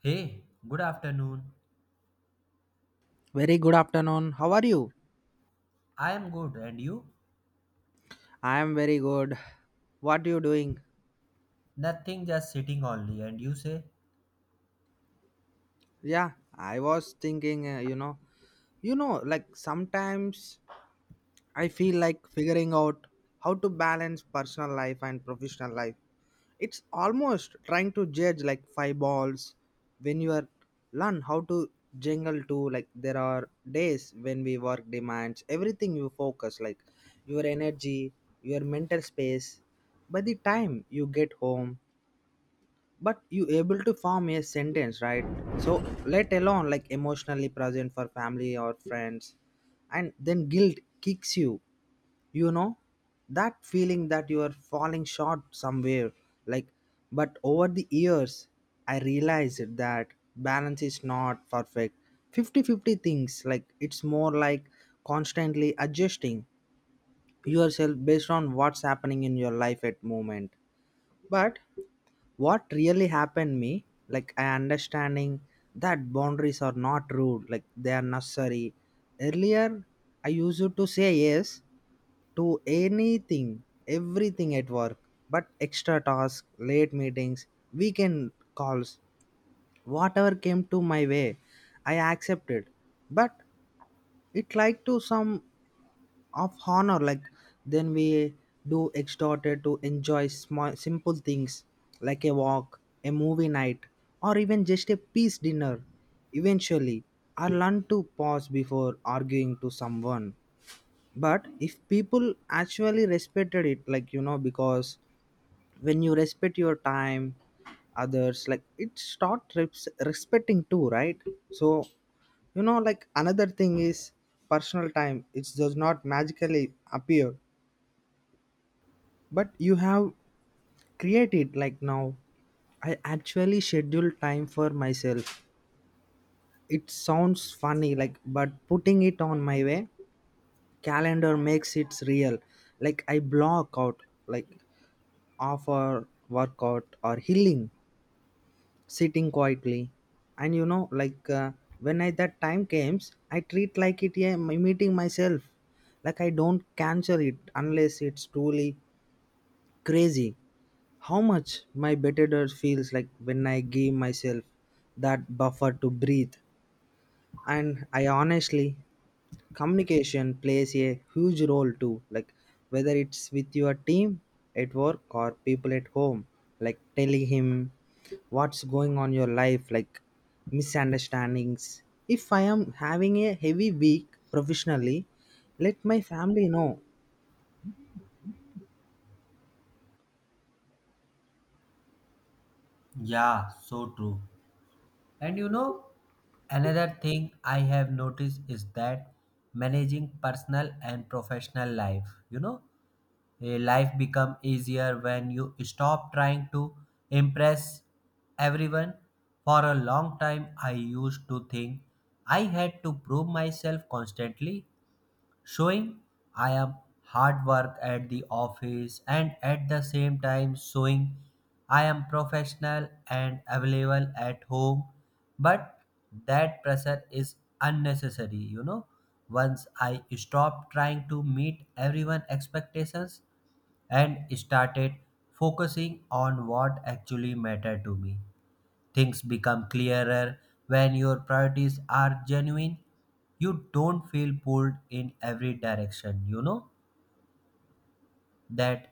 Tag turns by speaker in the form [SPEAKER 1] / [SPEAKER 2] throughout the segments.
[SPEAKER 1] Hey, good afternoon.
[SPEAKER 2] Very good afternoon. How are you?
[SPEAKER 1] I am good, and you?
[SPEAKER 2] I am very good. What are you doing?
[SPEAKER 1] Nothing, just sitting only. And you say,
[SPEAKER 2] Yeah, I was thinking, like sometimes I feel like figuring out how to balance personal life and professional life. It's almost trying to judge like five balls when you are learn how to jingle too. Like there are days when we work demands everything you focus like your energy, your mental space. By the time you get home but you able to form a sentence right, so let alone like emotionally present for family or friends, and then guilt kicks you, you know, that feeling that you are falling short somewhere, like, but over the years I realized that balance is not perfect 50-50 things, like it's more like constantly adjusting yourself based on what's happening in your life at moment. But what really happened me, like I understanding that boundaries are not rude, like they are necessary. Earlier, I used to say yes to anything, everything at work, but extra tasks, late meetings, weekend calls, whatever came to my way, I accepted. But it like to some of honor like then we do extorted to enjoy small simple things like a walk, a movie night, or even just a peace dinner. Eventually I learn to pause before arguing to someone, but if people actually respected it, like you know, because when you respect your time, others like it start respecting too, right? So, you know, like another thing is personal time, it does not magically appear, but you have created. Like now I actually schedule time for myself. It sounds funny like but putting it on my way calendar makes it real. Like I block out like off or workout or healing, sitting quietly. And you know like, when I that time comes I treat like it, yeah, my meeting myself. Like I don't cancel it unless it's truly crazy how much my better feels like when I give myself that buffer to breathe. And I honestly, communication plays a huge role too, like whether it's with your team at work or people at home, like telling him what's going on your life, like misunderstandings. If I am having a heavy week professionally, let my family know.
[SPEAKER 1] yeah, so true. And you know, another thing I have noticed is that managing personal and professional life, you know, a life become easier when you stop trying to impress everyone. For a long time, I used to think I had to prove myself constantly showing I am hard work at the office and at the same time showing I am professional and available at home. But that pressure is unnecessary, you know. Once I stopped trying to meet everyone's expectations and started focusing on what actually mattered to me. Things become clearer when your priorities are genuine. You don't feel pulled in every direction, you know, that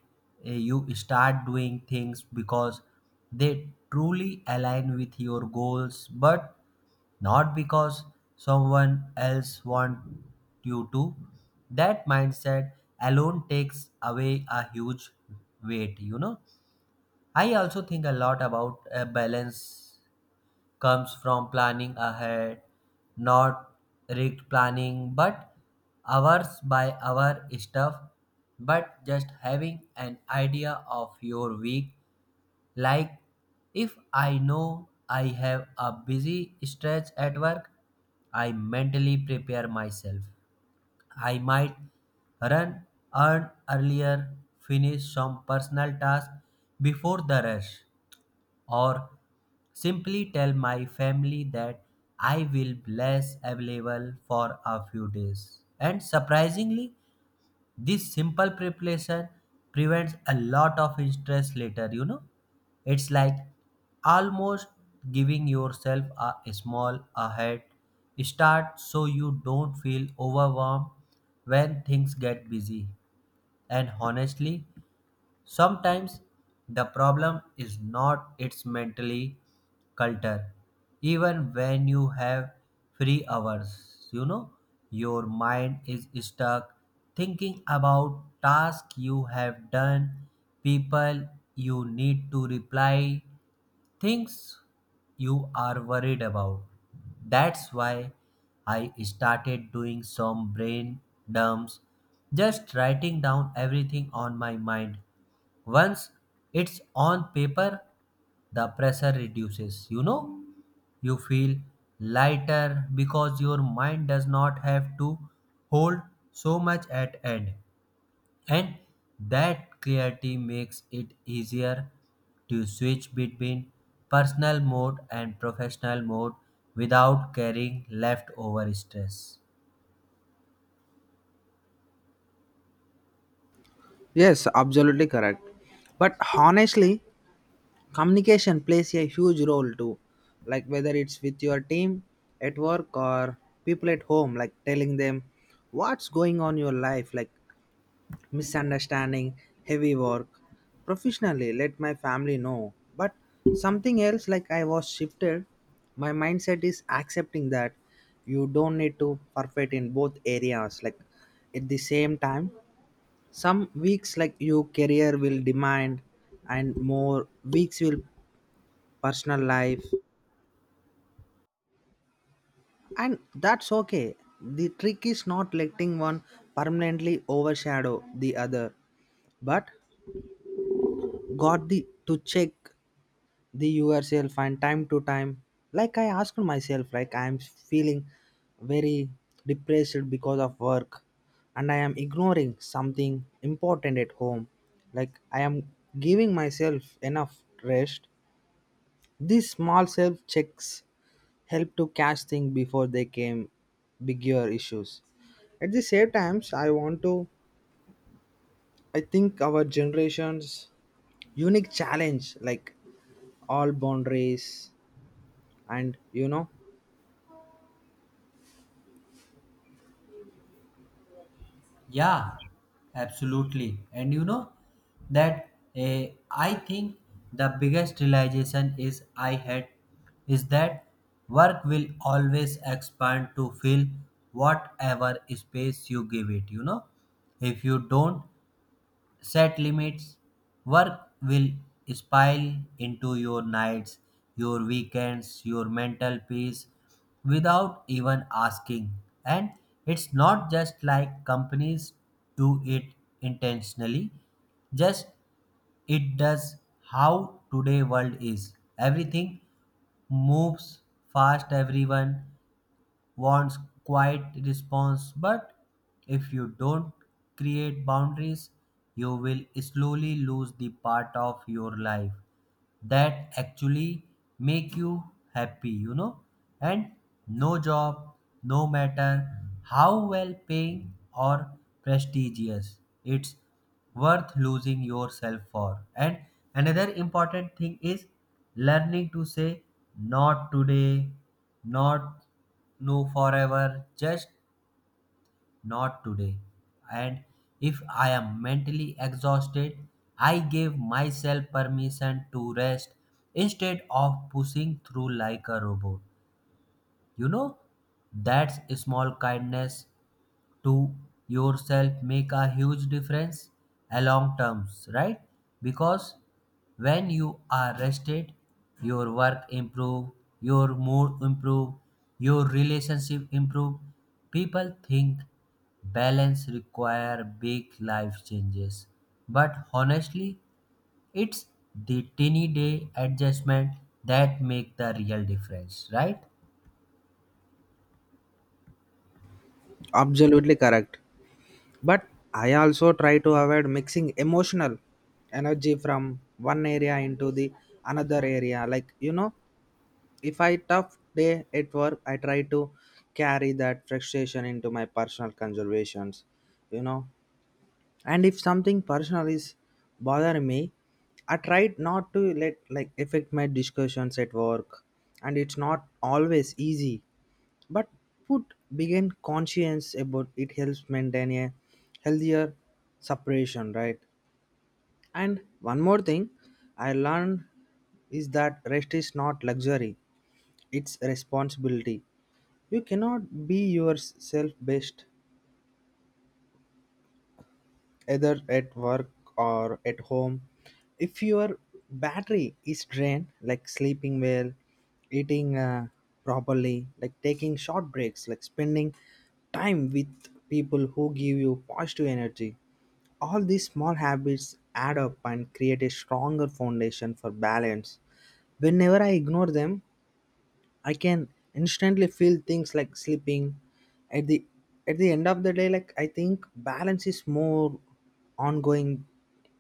[SPEAKER 1] you start doing things because they truly align with your goals, but not because someone else wants you to. That mindset alone takes away a huge weight, you know. I also think a lot about a balance comes from planning ahead, not rigged planning, but hours by hour stuff, but just having an idea of your week. Like if I know I have a busy stretch at work, I mentally prepare myself. I might run, earn earlier, finish some personal tasks before the rush, or simply tell my family that I will bless available for a few days. And surprisingly, this simple preparation prevents a lot of stress later, you know. It's like almost giving yourself a small ahead start so you don't feel overwhelmed when things get busy. And honestly, sometimes the problem is not its mentally culture. Even when you have free hours, you know, your mind is stuck thinking about tasks you have done, people you need to reply, things you are worried about. That's why I started doing some brain dumps, just writing down everything on my mind. Once it's on paper, the pressure reduces. You know, you feel lighter because your mind does not have to hold so much at end. And that clarity makes it easier to switch between personal mode and professional mode without carrying leftover stress.
[SPEAKER 2] Yes, absolutely correct. But honestly, communication plays a huge role too, like whether it's with your team at work or people at home, like telling them what's going on in your life, like misunderstanding, heavy work professionally, let my family know. But something else like I was shifted my mindset is accepting that you don't need to perfect in both areas, like at the same time. Some weeks like your career will demand and more weeks will personal life, and that's okay. The trick is not letting one permanently overshadow the other, but got the to check the yourself and time to time. Like I asked myself like I am feeling very depressed because of work and I am ignoring something important at home, like I am giving myself enough rest. These small self checks helped to catch things before they came bigger issues. At the same times, I want to, I think our generation's unique challenge, like all boundaries, and you know,
[SPEAKER 1] Yeah, absolutely. And you know that I think the biggest realization is I had is that work will always expand to fill whatever space you give it, you know. If you don't set limits, work will spill into your nights, your weekends, your mental peace without even asking, and it's not just like companies do it intentionally, just it does how today world is. Everything moves fast, everyone wants quiet response, but if you don't create boundaries, you will slowly lose the part of your life that actually make you happy, you know. And no job, no matter how well paying or prestigious, it's worth losing yourself for. And another important thing is learning to say not today, not no forever, just not today. And if I am mentally exhausted, I give myself permission to rest instead of pushing through like a robot. You know, that's a small kindness to yourself make a huge difference along terms, right? Because when you are rested, your work improve, your mood improve, your relationship improve. People think balance require big life changes, but honestly it's the tiny day adjustment that make the real difference, right?
[SPEAKER 2] absolutely correct. But I also try to avoid mixing emotional energy from one area into the another area. Like you know, if I tough day at work, I try to carry that frustration into my personal conservations, you know, and if something personal is bothering me, I tried not to let like affect my discussions at work, and it's not always easy, but put begin conscience about it helps maintain a healthier separation, right? And one more thing I learned is that rest is not luxury, it's responsibility. You cannot be yourself best either at work or at home. If your battery is drained, like sleeping well, eating properly, like taking short breaks, like spending time with people who give you positive energy, all these small habits add up and create a stronger foundation for balance. Whenever I ignore them, I can instantly feel things like sleeping. At the at the end of the day, like I think balance is more ongoing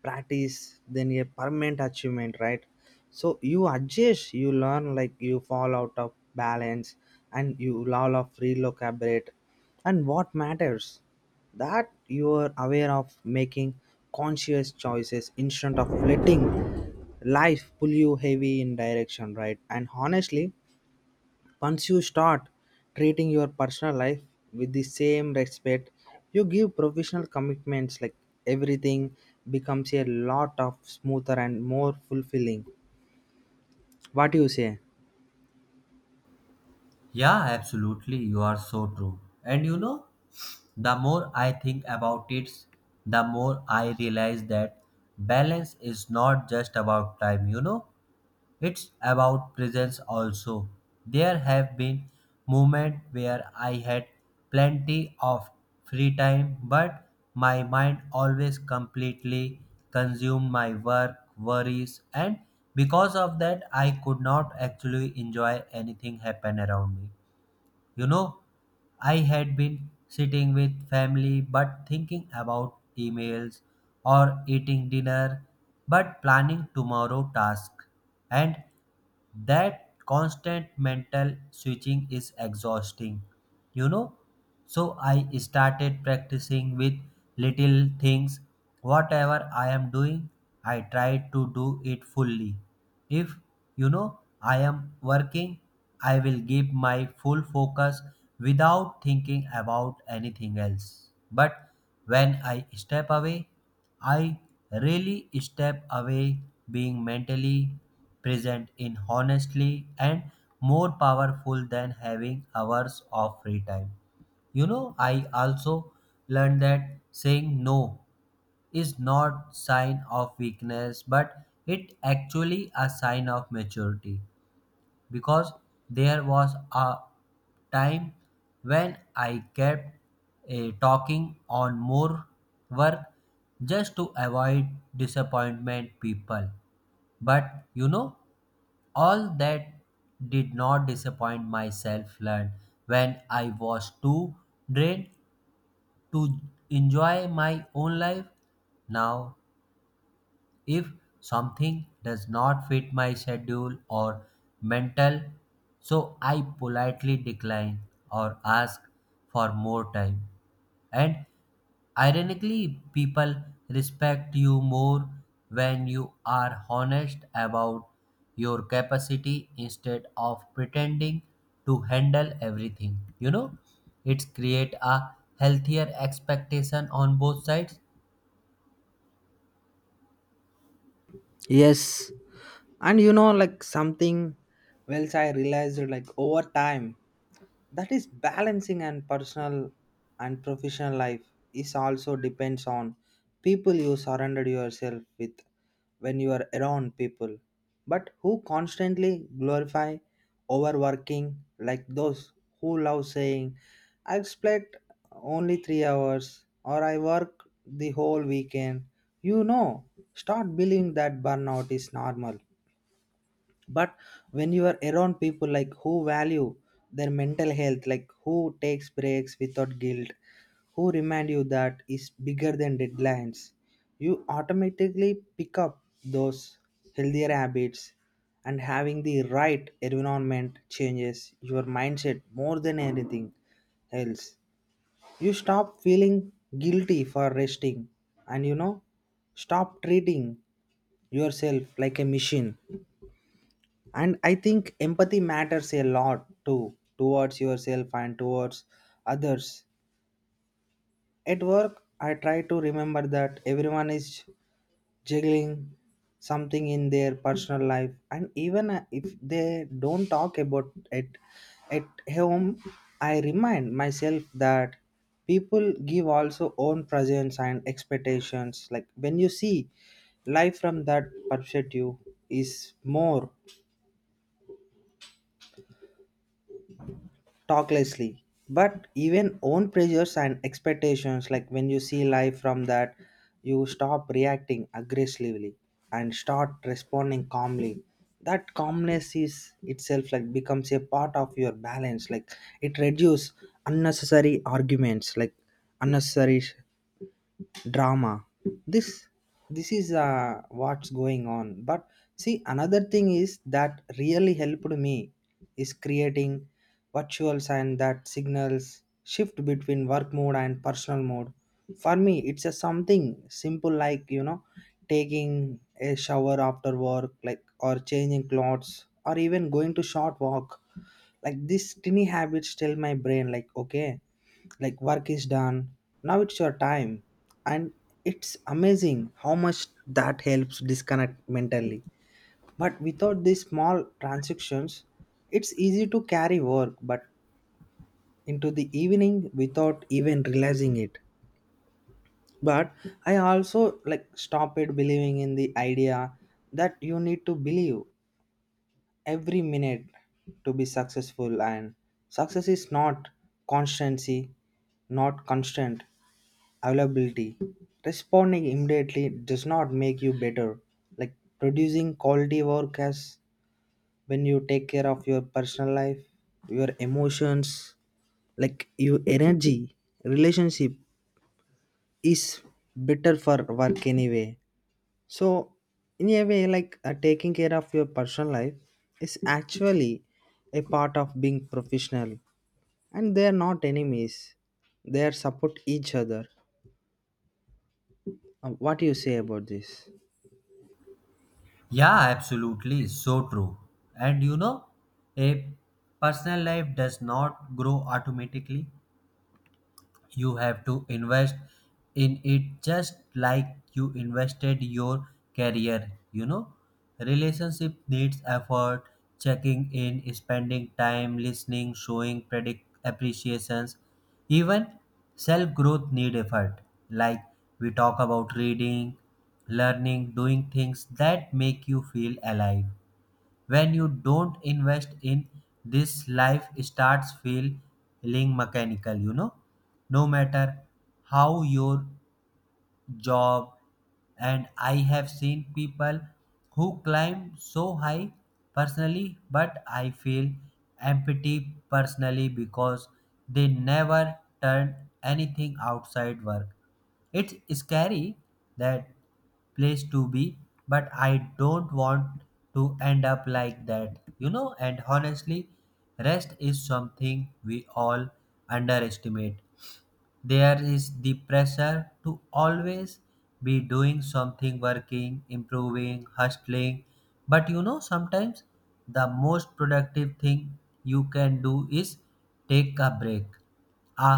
[SPEAKER 2] practice than a permanent achievement, right? So you adjust, you learn, like you fall out of balance, and you all of relocate. And what matters that you are aware of making conscious choices instead of letting life pull you heavy in direction, right? And honestly, once you start treating your personal life with the same respect you give professional commitments, like everything becomes a lot of smoother and more fulfilling. What do you say?
[SPEAKER 1] Yeah, absolutely, you are so true. And you know, the more I think about it, the more I realize that balance is not just about time, you know, it's about presence also. There have been moments where I had plenty of free time, but my mind always completely consumed my work, worries, and because of that, I could not actually enjoy anything happen around me. You know, I had been sitting with family but thinking about emails or eating dinner but planning tomorrow task, and that constant mental switching is exhausting, you know. So I started practicing with little things. Whatever I am doing, I try to do it fully. If you know I am working, I will give my full focus without thinking about anything else. But when I step away, I really step away being mentally present in honestly and more powerful than having hours of free time. You know, I also learned that saying no is not sign of weakness, but it actually a sign of maturity, because there was a time when I kept talking on more work just to avoid disappointment people, but you know, all that did not disappoint myself learned when I was too drained to enjoy my own life. Now, if something does not fit my schedule or mental, so I politely decline or ask for more time. And ironically, people respect you more when you are honest about your capacity instead of pretending to handle everything. You know, it create a healthier expectation on both sides.
[SPEAKER 2] Yes. And you know, like something else I realized, like over time, that is balancing and personal and professional life is also depends on people you surrender yourself with. When you are around people but who constantly glorify overworking, like those who love saying I slept only 3 hours or I work the whole weekend, you know, start believing that burnout is normal. But when you are around people like who value their mental health, like who takes breaks without guilt, who remind you that is bigger than deadlines, you automatically pick up those healthier habits, and having the right environment changes your mindset more than anything else. You stop feeling guilty for resting, and you know, stop treating yourself like a machine. And I think empathy matters a lot too, towards yourself and towards others. At work I try to remember that everyone is juggling something in their personal life, and even if they don't talk about it at home, I remind myself that people give also own presence and expectations, like when you see life from that perspective is more talk lessly, but even own pressures and expectations, like when you see life from that, you stop reacting aggressively and start responding calmly. That calmness is itself like becomes a part of your balance, like it reduces unnecessary arguments, like unnecessary drama. This this is, what's going on. But see another thing is that really helped me is creating virtual and that signals shift between work mode and personal mode. For me it's a something simple like, you know, taking a shower after work, like or changing clothes, or even going to short walk. Like this tiny habits tell my brain like okay, like work is done, now it's your time. And it's amazing how much that helps disconnect mentally, but without these small transactions it's easy to carry work but into the evening without even realizing it. But I also like stopped believing in the idea that you need to believe every minute to be successful. And success is not constancy, not constant availability. Responding immediately does not make you better, like producing quality work as when you take care of your personal life, your emotions, like your energy, relationship, is better for work anyway. So, in a way, like taking care of your personal life is actually a part of being professional, and they are not enemies. They are support each other. What do you say about this?
[SPEAKER 1] Yeah, absolutely. So true. And you know, a personal life does not grow automatically. You have to invest in it just like you invested your career, you know. Relationship needs effort, checking in, spending time, listening, showing predict appreciations. Even self growth need effort, like we talk about reading, learning, doing things that make you feel alive. When you don't invest in this, life starts feeling mechanical, you know, no matter how your job. And I have seen people who climb so high personally but I feel empty personally because they never turn anything outside work. It's scary, that place to be, but I don't want to end up like that, you know. And honestly, rest is something we all underestimate. There is the pressure to always be doing something, working, improving, hustling, but you know, sometimes the most productive thing you can do is take a break. A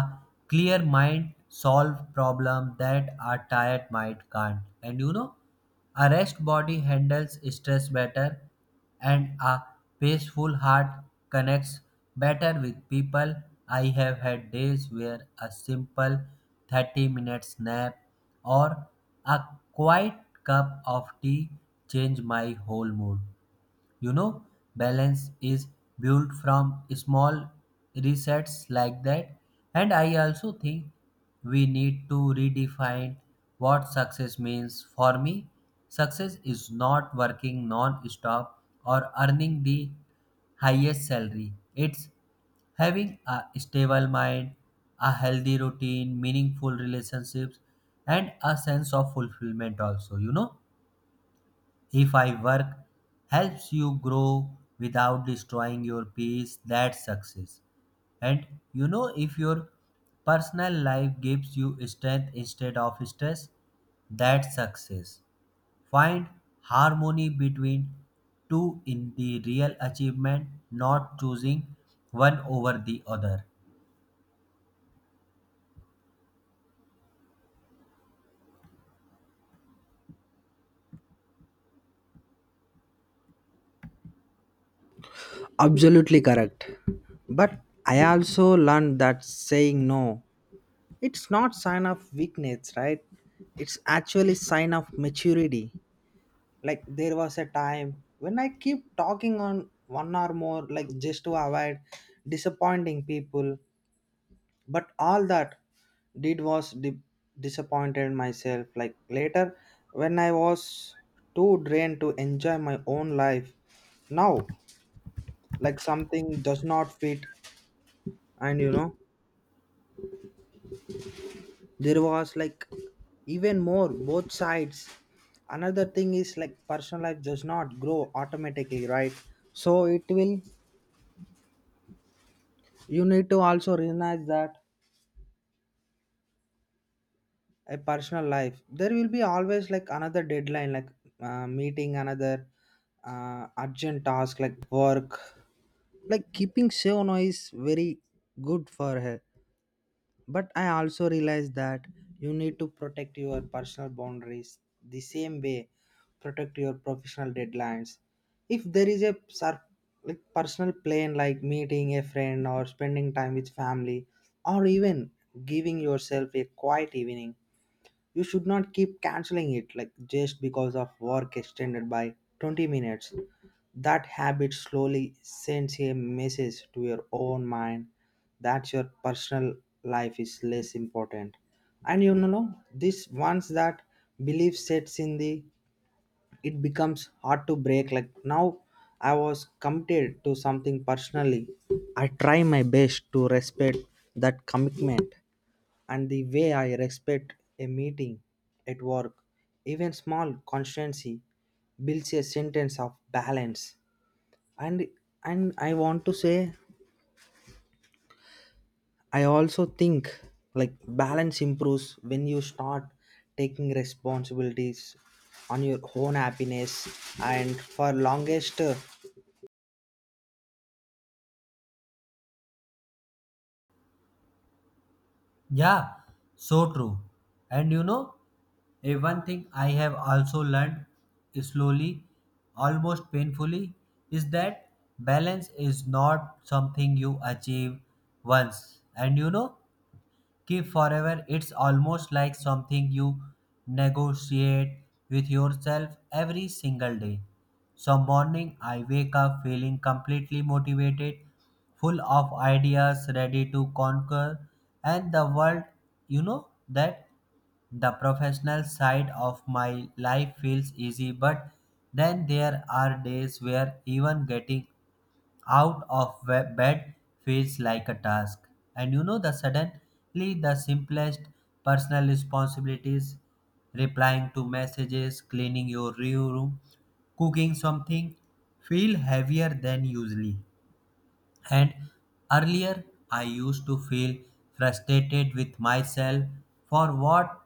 [SPEAKER 1] clear mind solve problem that a tired mind can't, and you know, a rest body handles stress better, and a peaceful heart connects better with people. I have had days where a simple 30 minutes nap or a quiet cup of tea change my whole mood. You know, balance is built from small resets like that. And I also think we need to redefine what success means. For me, success is not working non stop or earning the highest salary. It's having a stable mind, a healthy routine, meaningful relationships, and a sense of fulfillment, also, you know. If I work helps you grow without destroying your peace, that's success. And you know, if your personal life gives you strength instead of stress, that's success. Find harmony between two in the real achievement, not choosing one over the other.
[SPEAKER 2] Absolutely correct. But I also learned that saying no, it's not sign of weakness, right? It's actually sign of maturity. Like there was a time when I keep talking on one or more, like just to avoid disappointing people, but all that did was disappointed myself, like later when I was too drained to enjoy my own life. Now, like something does not fit, and you know, there was like even more both sides. Another thing is like personal life does not grow automatically, right? So it will, you need to also realize that a personal life there will be always like another deadline, like, meeting another urgent task like work, like keeping safe now is very good for her. But I also realize that you need to protect your personal boundaries the same way protect your professional deadlines. If there is a like personal plan like meeting a friend or spending time with family, or even giving yourself a quiet evening, you should not keep canceling it like just because of work extended by 20 minutes. That habit slowly sends a message to your own mind that your personal life is less important. And you know, this once that belief sets in the it becomes hard to break. Like now I was committed to something personally, I try my best to respect that commitment and the way I respect a meeting at work, even small constancy builds a sentence of balance. And and I want to say I also think like balance improves when you start taking responsibilities on your own happiness. And for longest,
[SPEAKER 1] Yeah, so true. And you know, a one thing I have also learned slowly, almost painfully, is that balance is not something you achieve once. And you know, keep forever. It's almost like something you negotiate with yourself every single day. Some morning I wake up feeling completely motivated, full of ideas, ready to conquer and the world. You know that the professional side of my life feels easy, but then there are days where even getting out of bed feels like a task. And you know, the suddenly the simplest personal responsibilities, replying to messages, cleaning your real room, cooking something, feel heavier than usually. And earlier, I used to feel frustrated with myself for what,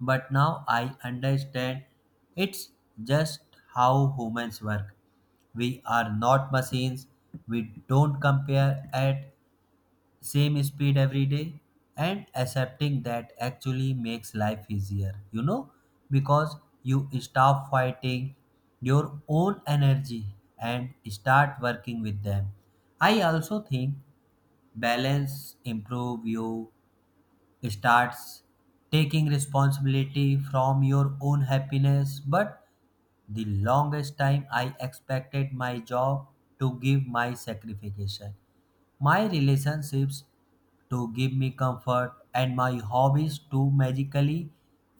[SPEAKER 1] but now I understand it's just how humans work. We are not machines. We don't compare at same speed every day, and accepting that actually makes life easier, you know, because you stop fighting your own energy and start working with them. I also think balance improve you starts taking responsibility from your own happiness, but the longest time I expected my job to give my sacrifice, my relationships to give me comfort, and my hobbies to magically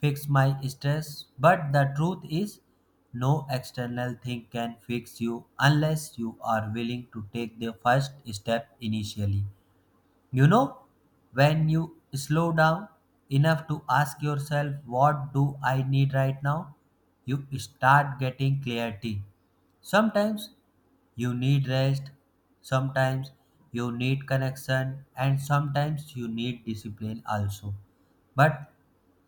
[SPEAKER 1] fix my stress, but the truth is no external thing can fix you unless you are willing to take the first step initially, you know, when you slow down enough to ask yourself, what do I need right now? You start getting clarity. Sometimes you need rest, sometimes you need connection, and sometimes you need discipline also. But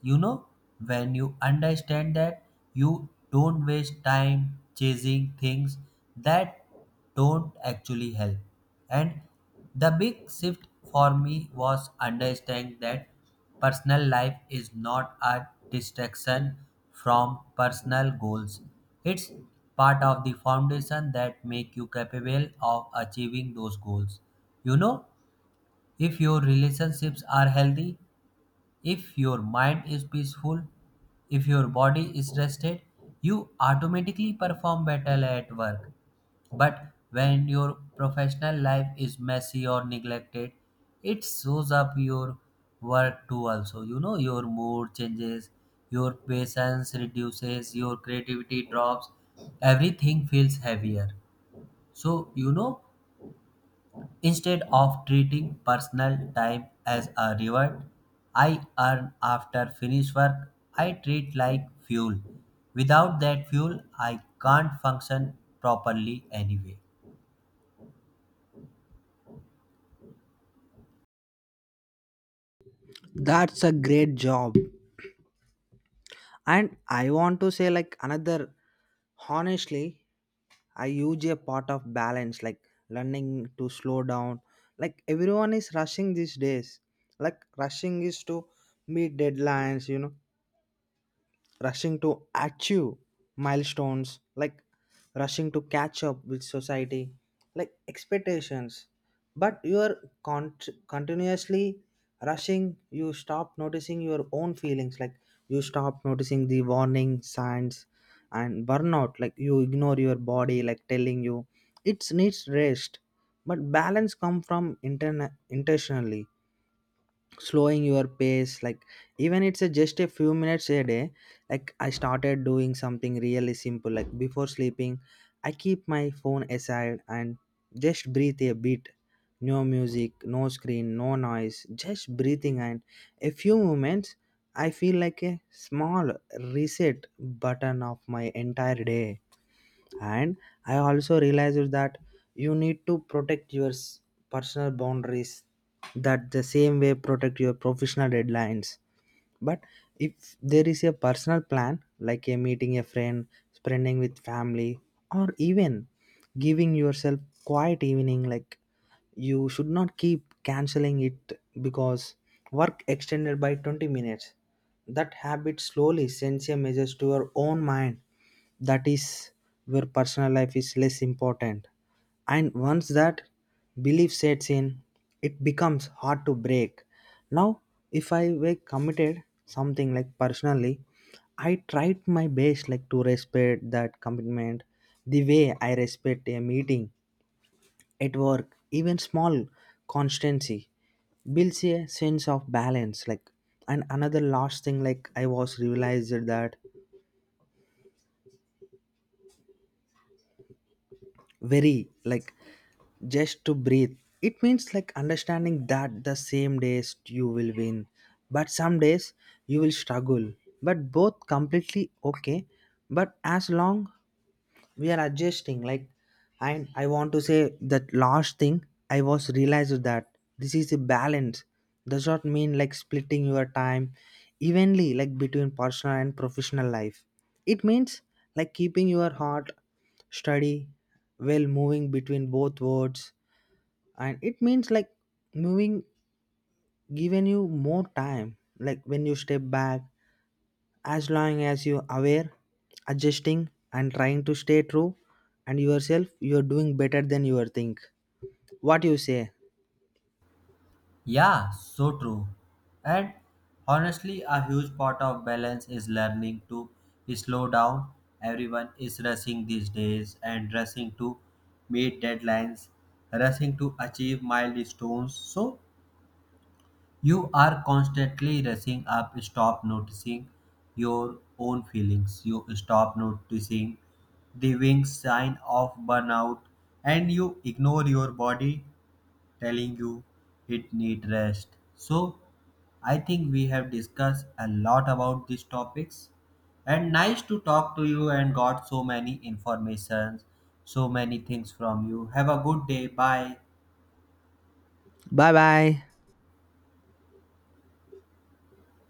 [SPEAKER 1] you know, when you understand that, you don't waste time chasing things that don't actually help. And the big shift for me was understanding that personal life is not a distraction from personal goals. It's part of the foundation that make you capable of achieving those goals. You know, if your relationships are healthy, if your mind is peaceful, if your body is rested, you automatically perform better at work. But when your professional life is messy or neglected, it shows up your work too also. You know, your mood changes, your patience reduces, your creativity drops, everything feels heavier. So you know, instead of treating personal time as a reward I earn after finish work, I treat like fuel. Without that fuel, I can't function properly anyway.
[SPEAKER 2] that's a great job. And I want to say like another, honestly, I use a part of balance, like learning to slow down. Like everyone is rushing these days. Like rushing is to meet deadlines, you know, rushing to achieve milestones, like rushing to catch up with society like expectations. But you are con- continuously rushing, you stop noticing your own feelings, like you stop noticing the warning signs and burnout, like you ignore your body like telling you it needs rest. But balance come from intentionally slowing your pace, like even it's a just a few minutes a day. Like I started doing something really simple like before sleeping, I keep my phone aside and just breathe a bit. No music, no screen, no noise, just breathing. And a few moments I feel like a small reset button of my entire day. And I also realized that you need to protect your personal boundaries that the same way protect your professional deadlines. But if there is a personal plan like a meeting a friend, spending with family, or even giving yourself quiet evening, like you should not keep canceling it because work extended by 20 minutes. That habit slowly sends a message to your own mind that is where personal life is less important. And once that belief sets in, it becomes hard to break. Now, if I were committed something like personally, I tried my best like to respect that commitment the way I respect a meeting at work, even small constancy builds a sense of balance, like. And another last thing, like I was realized that very, like just to breathe, it means like understanding that the same days you will win, but some days you will struggle, but both completely okay. But as long we are adjusting, like. And I want to say that last thing, I was realized that this is a balance does not mean like splitting your time evenly like between personal and professional life. It means like keeping your heart steady while moving between both worlds. And it means like moving, giving you more time like when you step back. As long as you're aware, adjusting and trying to stay true and yourself, you're doing better than you are think. What you say?
[SPEAKER 1] Yeah, so true. And honestly, a huge part of balance is learning to slow down. Everyone is rushing these days and rushing to meet deadlines, rushing to achieve milestones. So you are constantly rushing up, stop noticing your own feelings, you stop noticing the wing sign of burnout, and you ignore your body telling you it need rest. So I think we have discussed a lot about these topics and nice to talk to you and got so many informations, so many things from you. Have a good day. Bye.
[SPEAKER 2] Bye bye.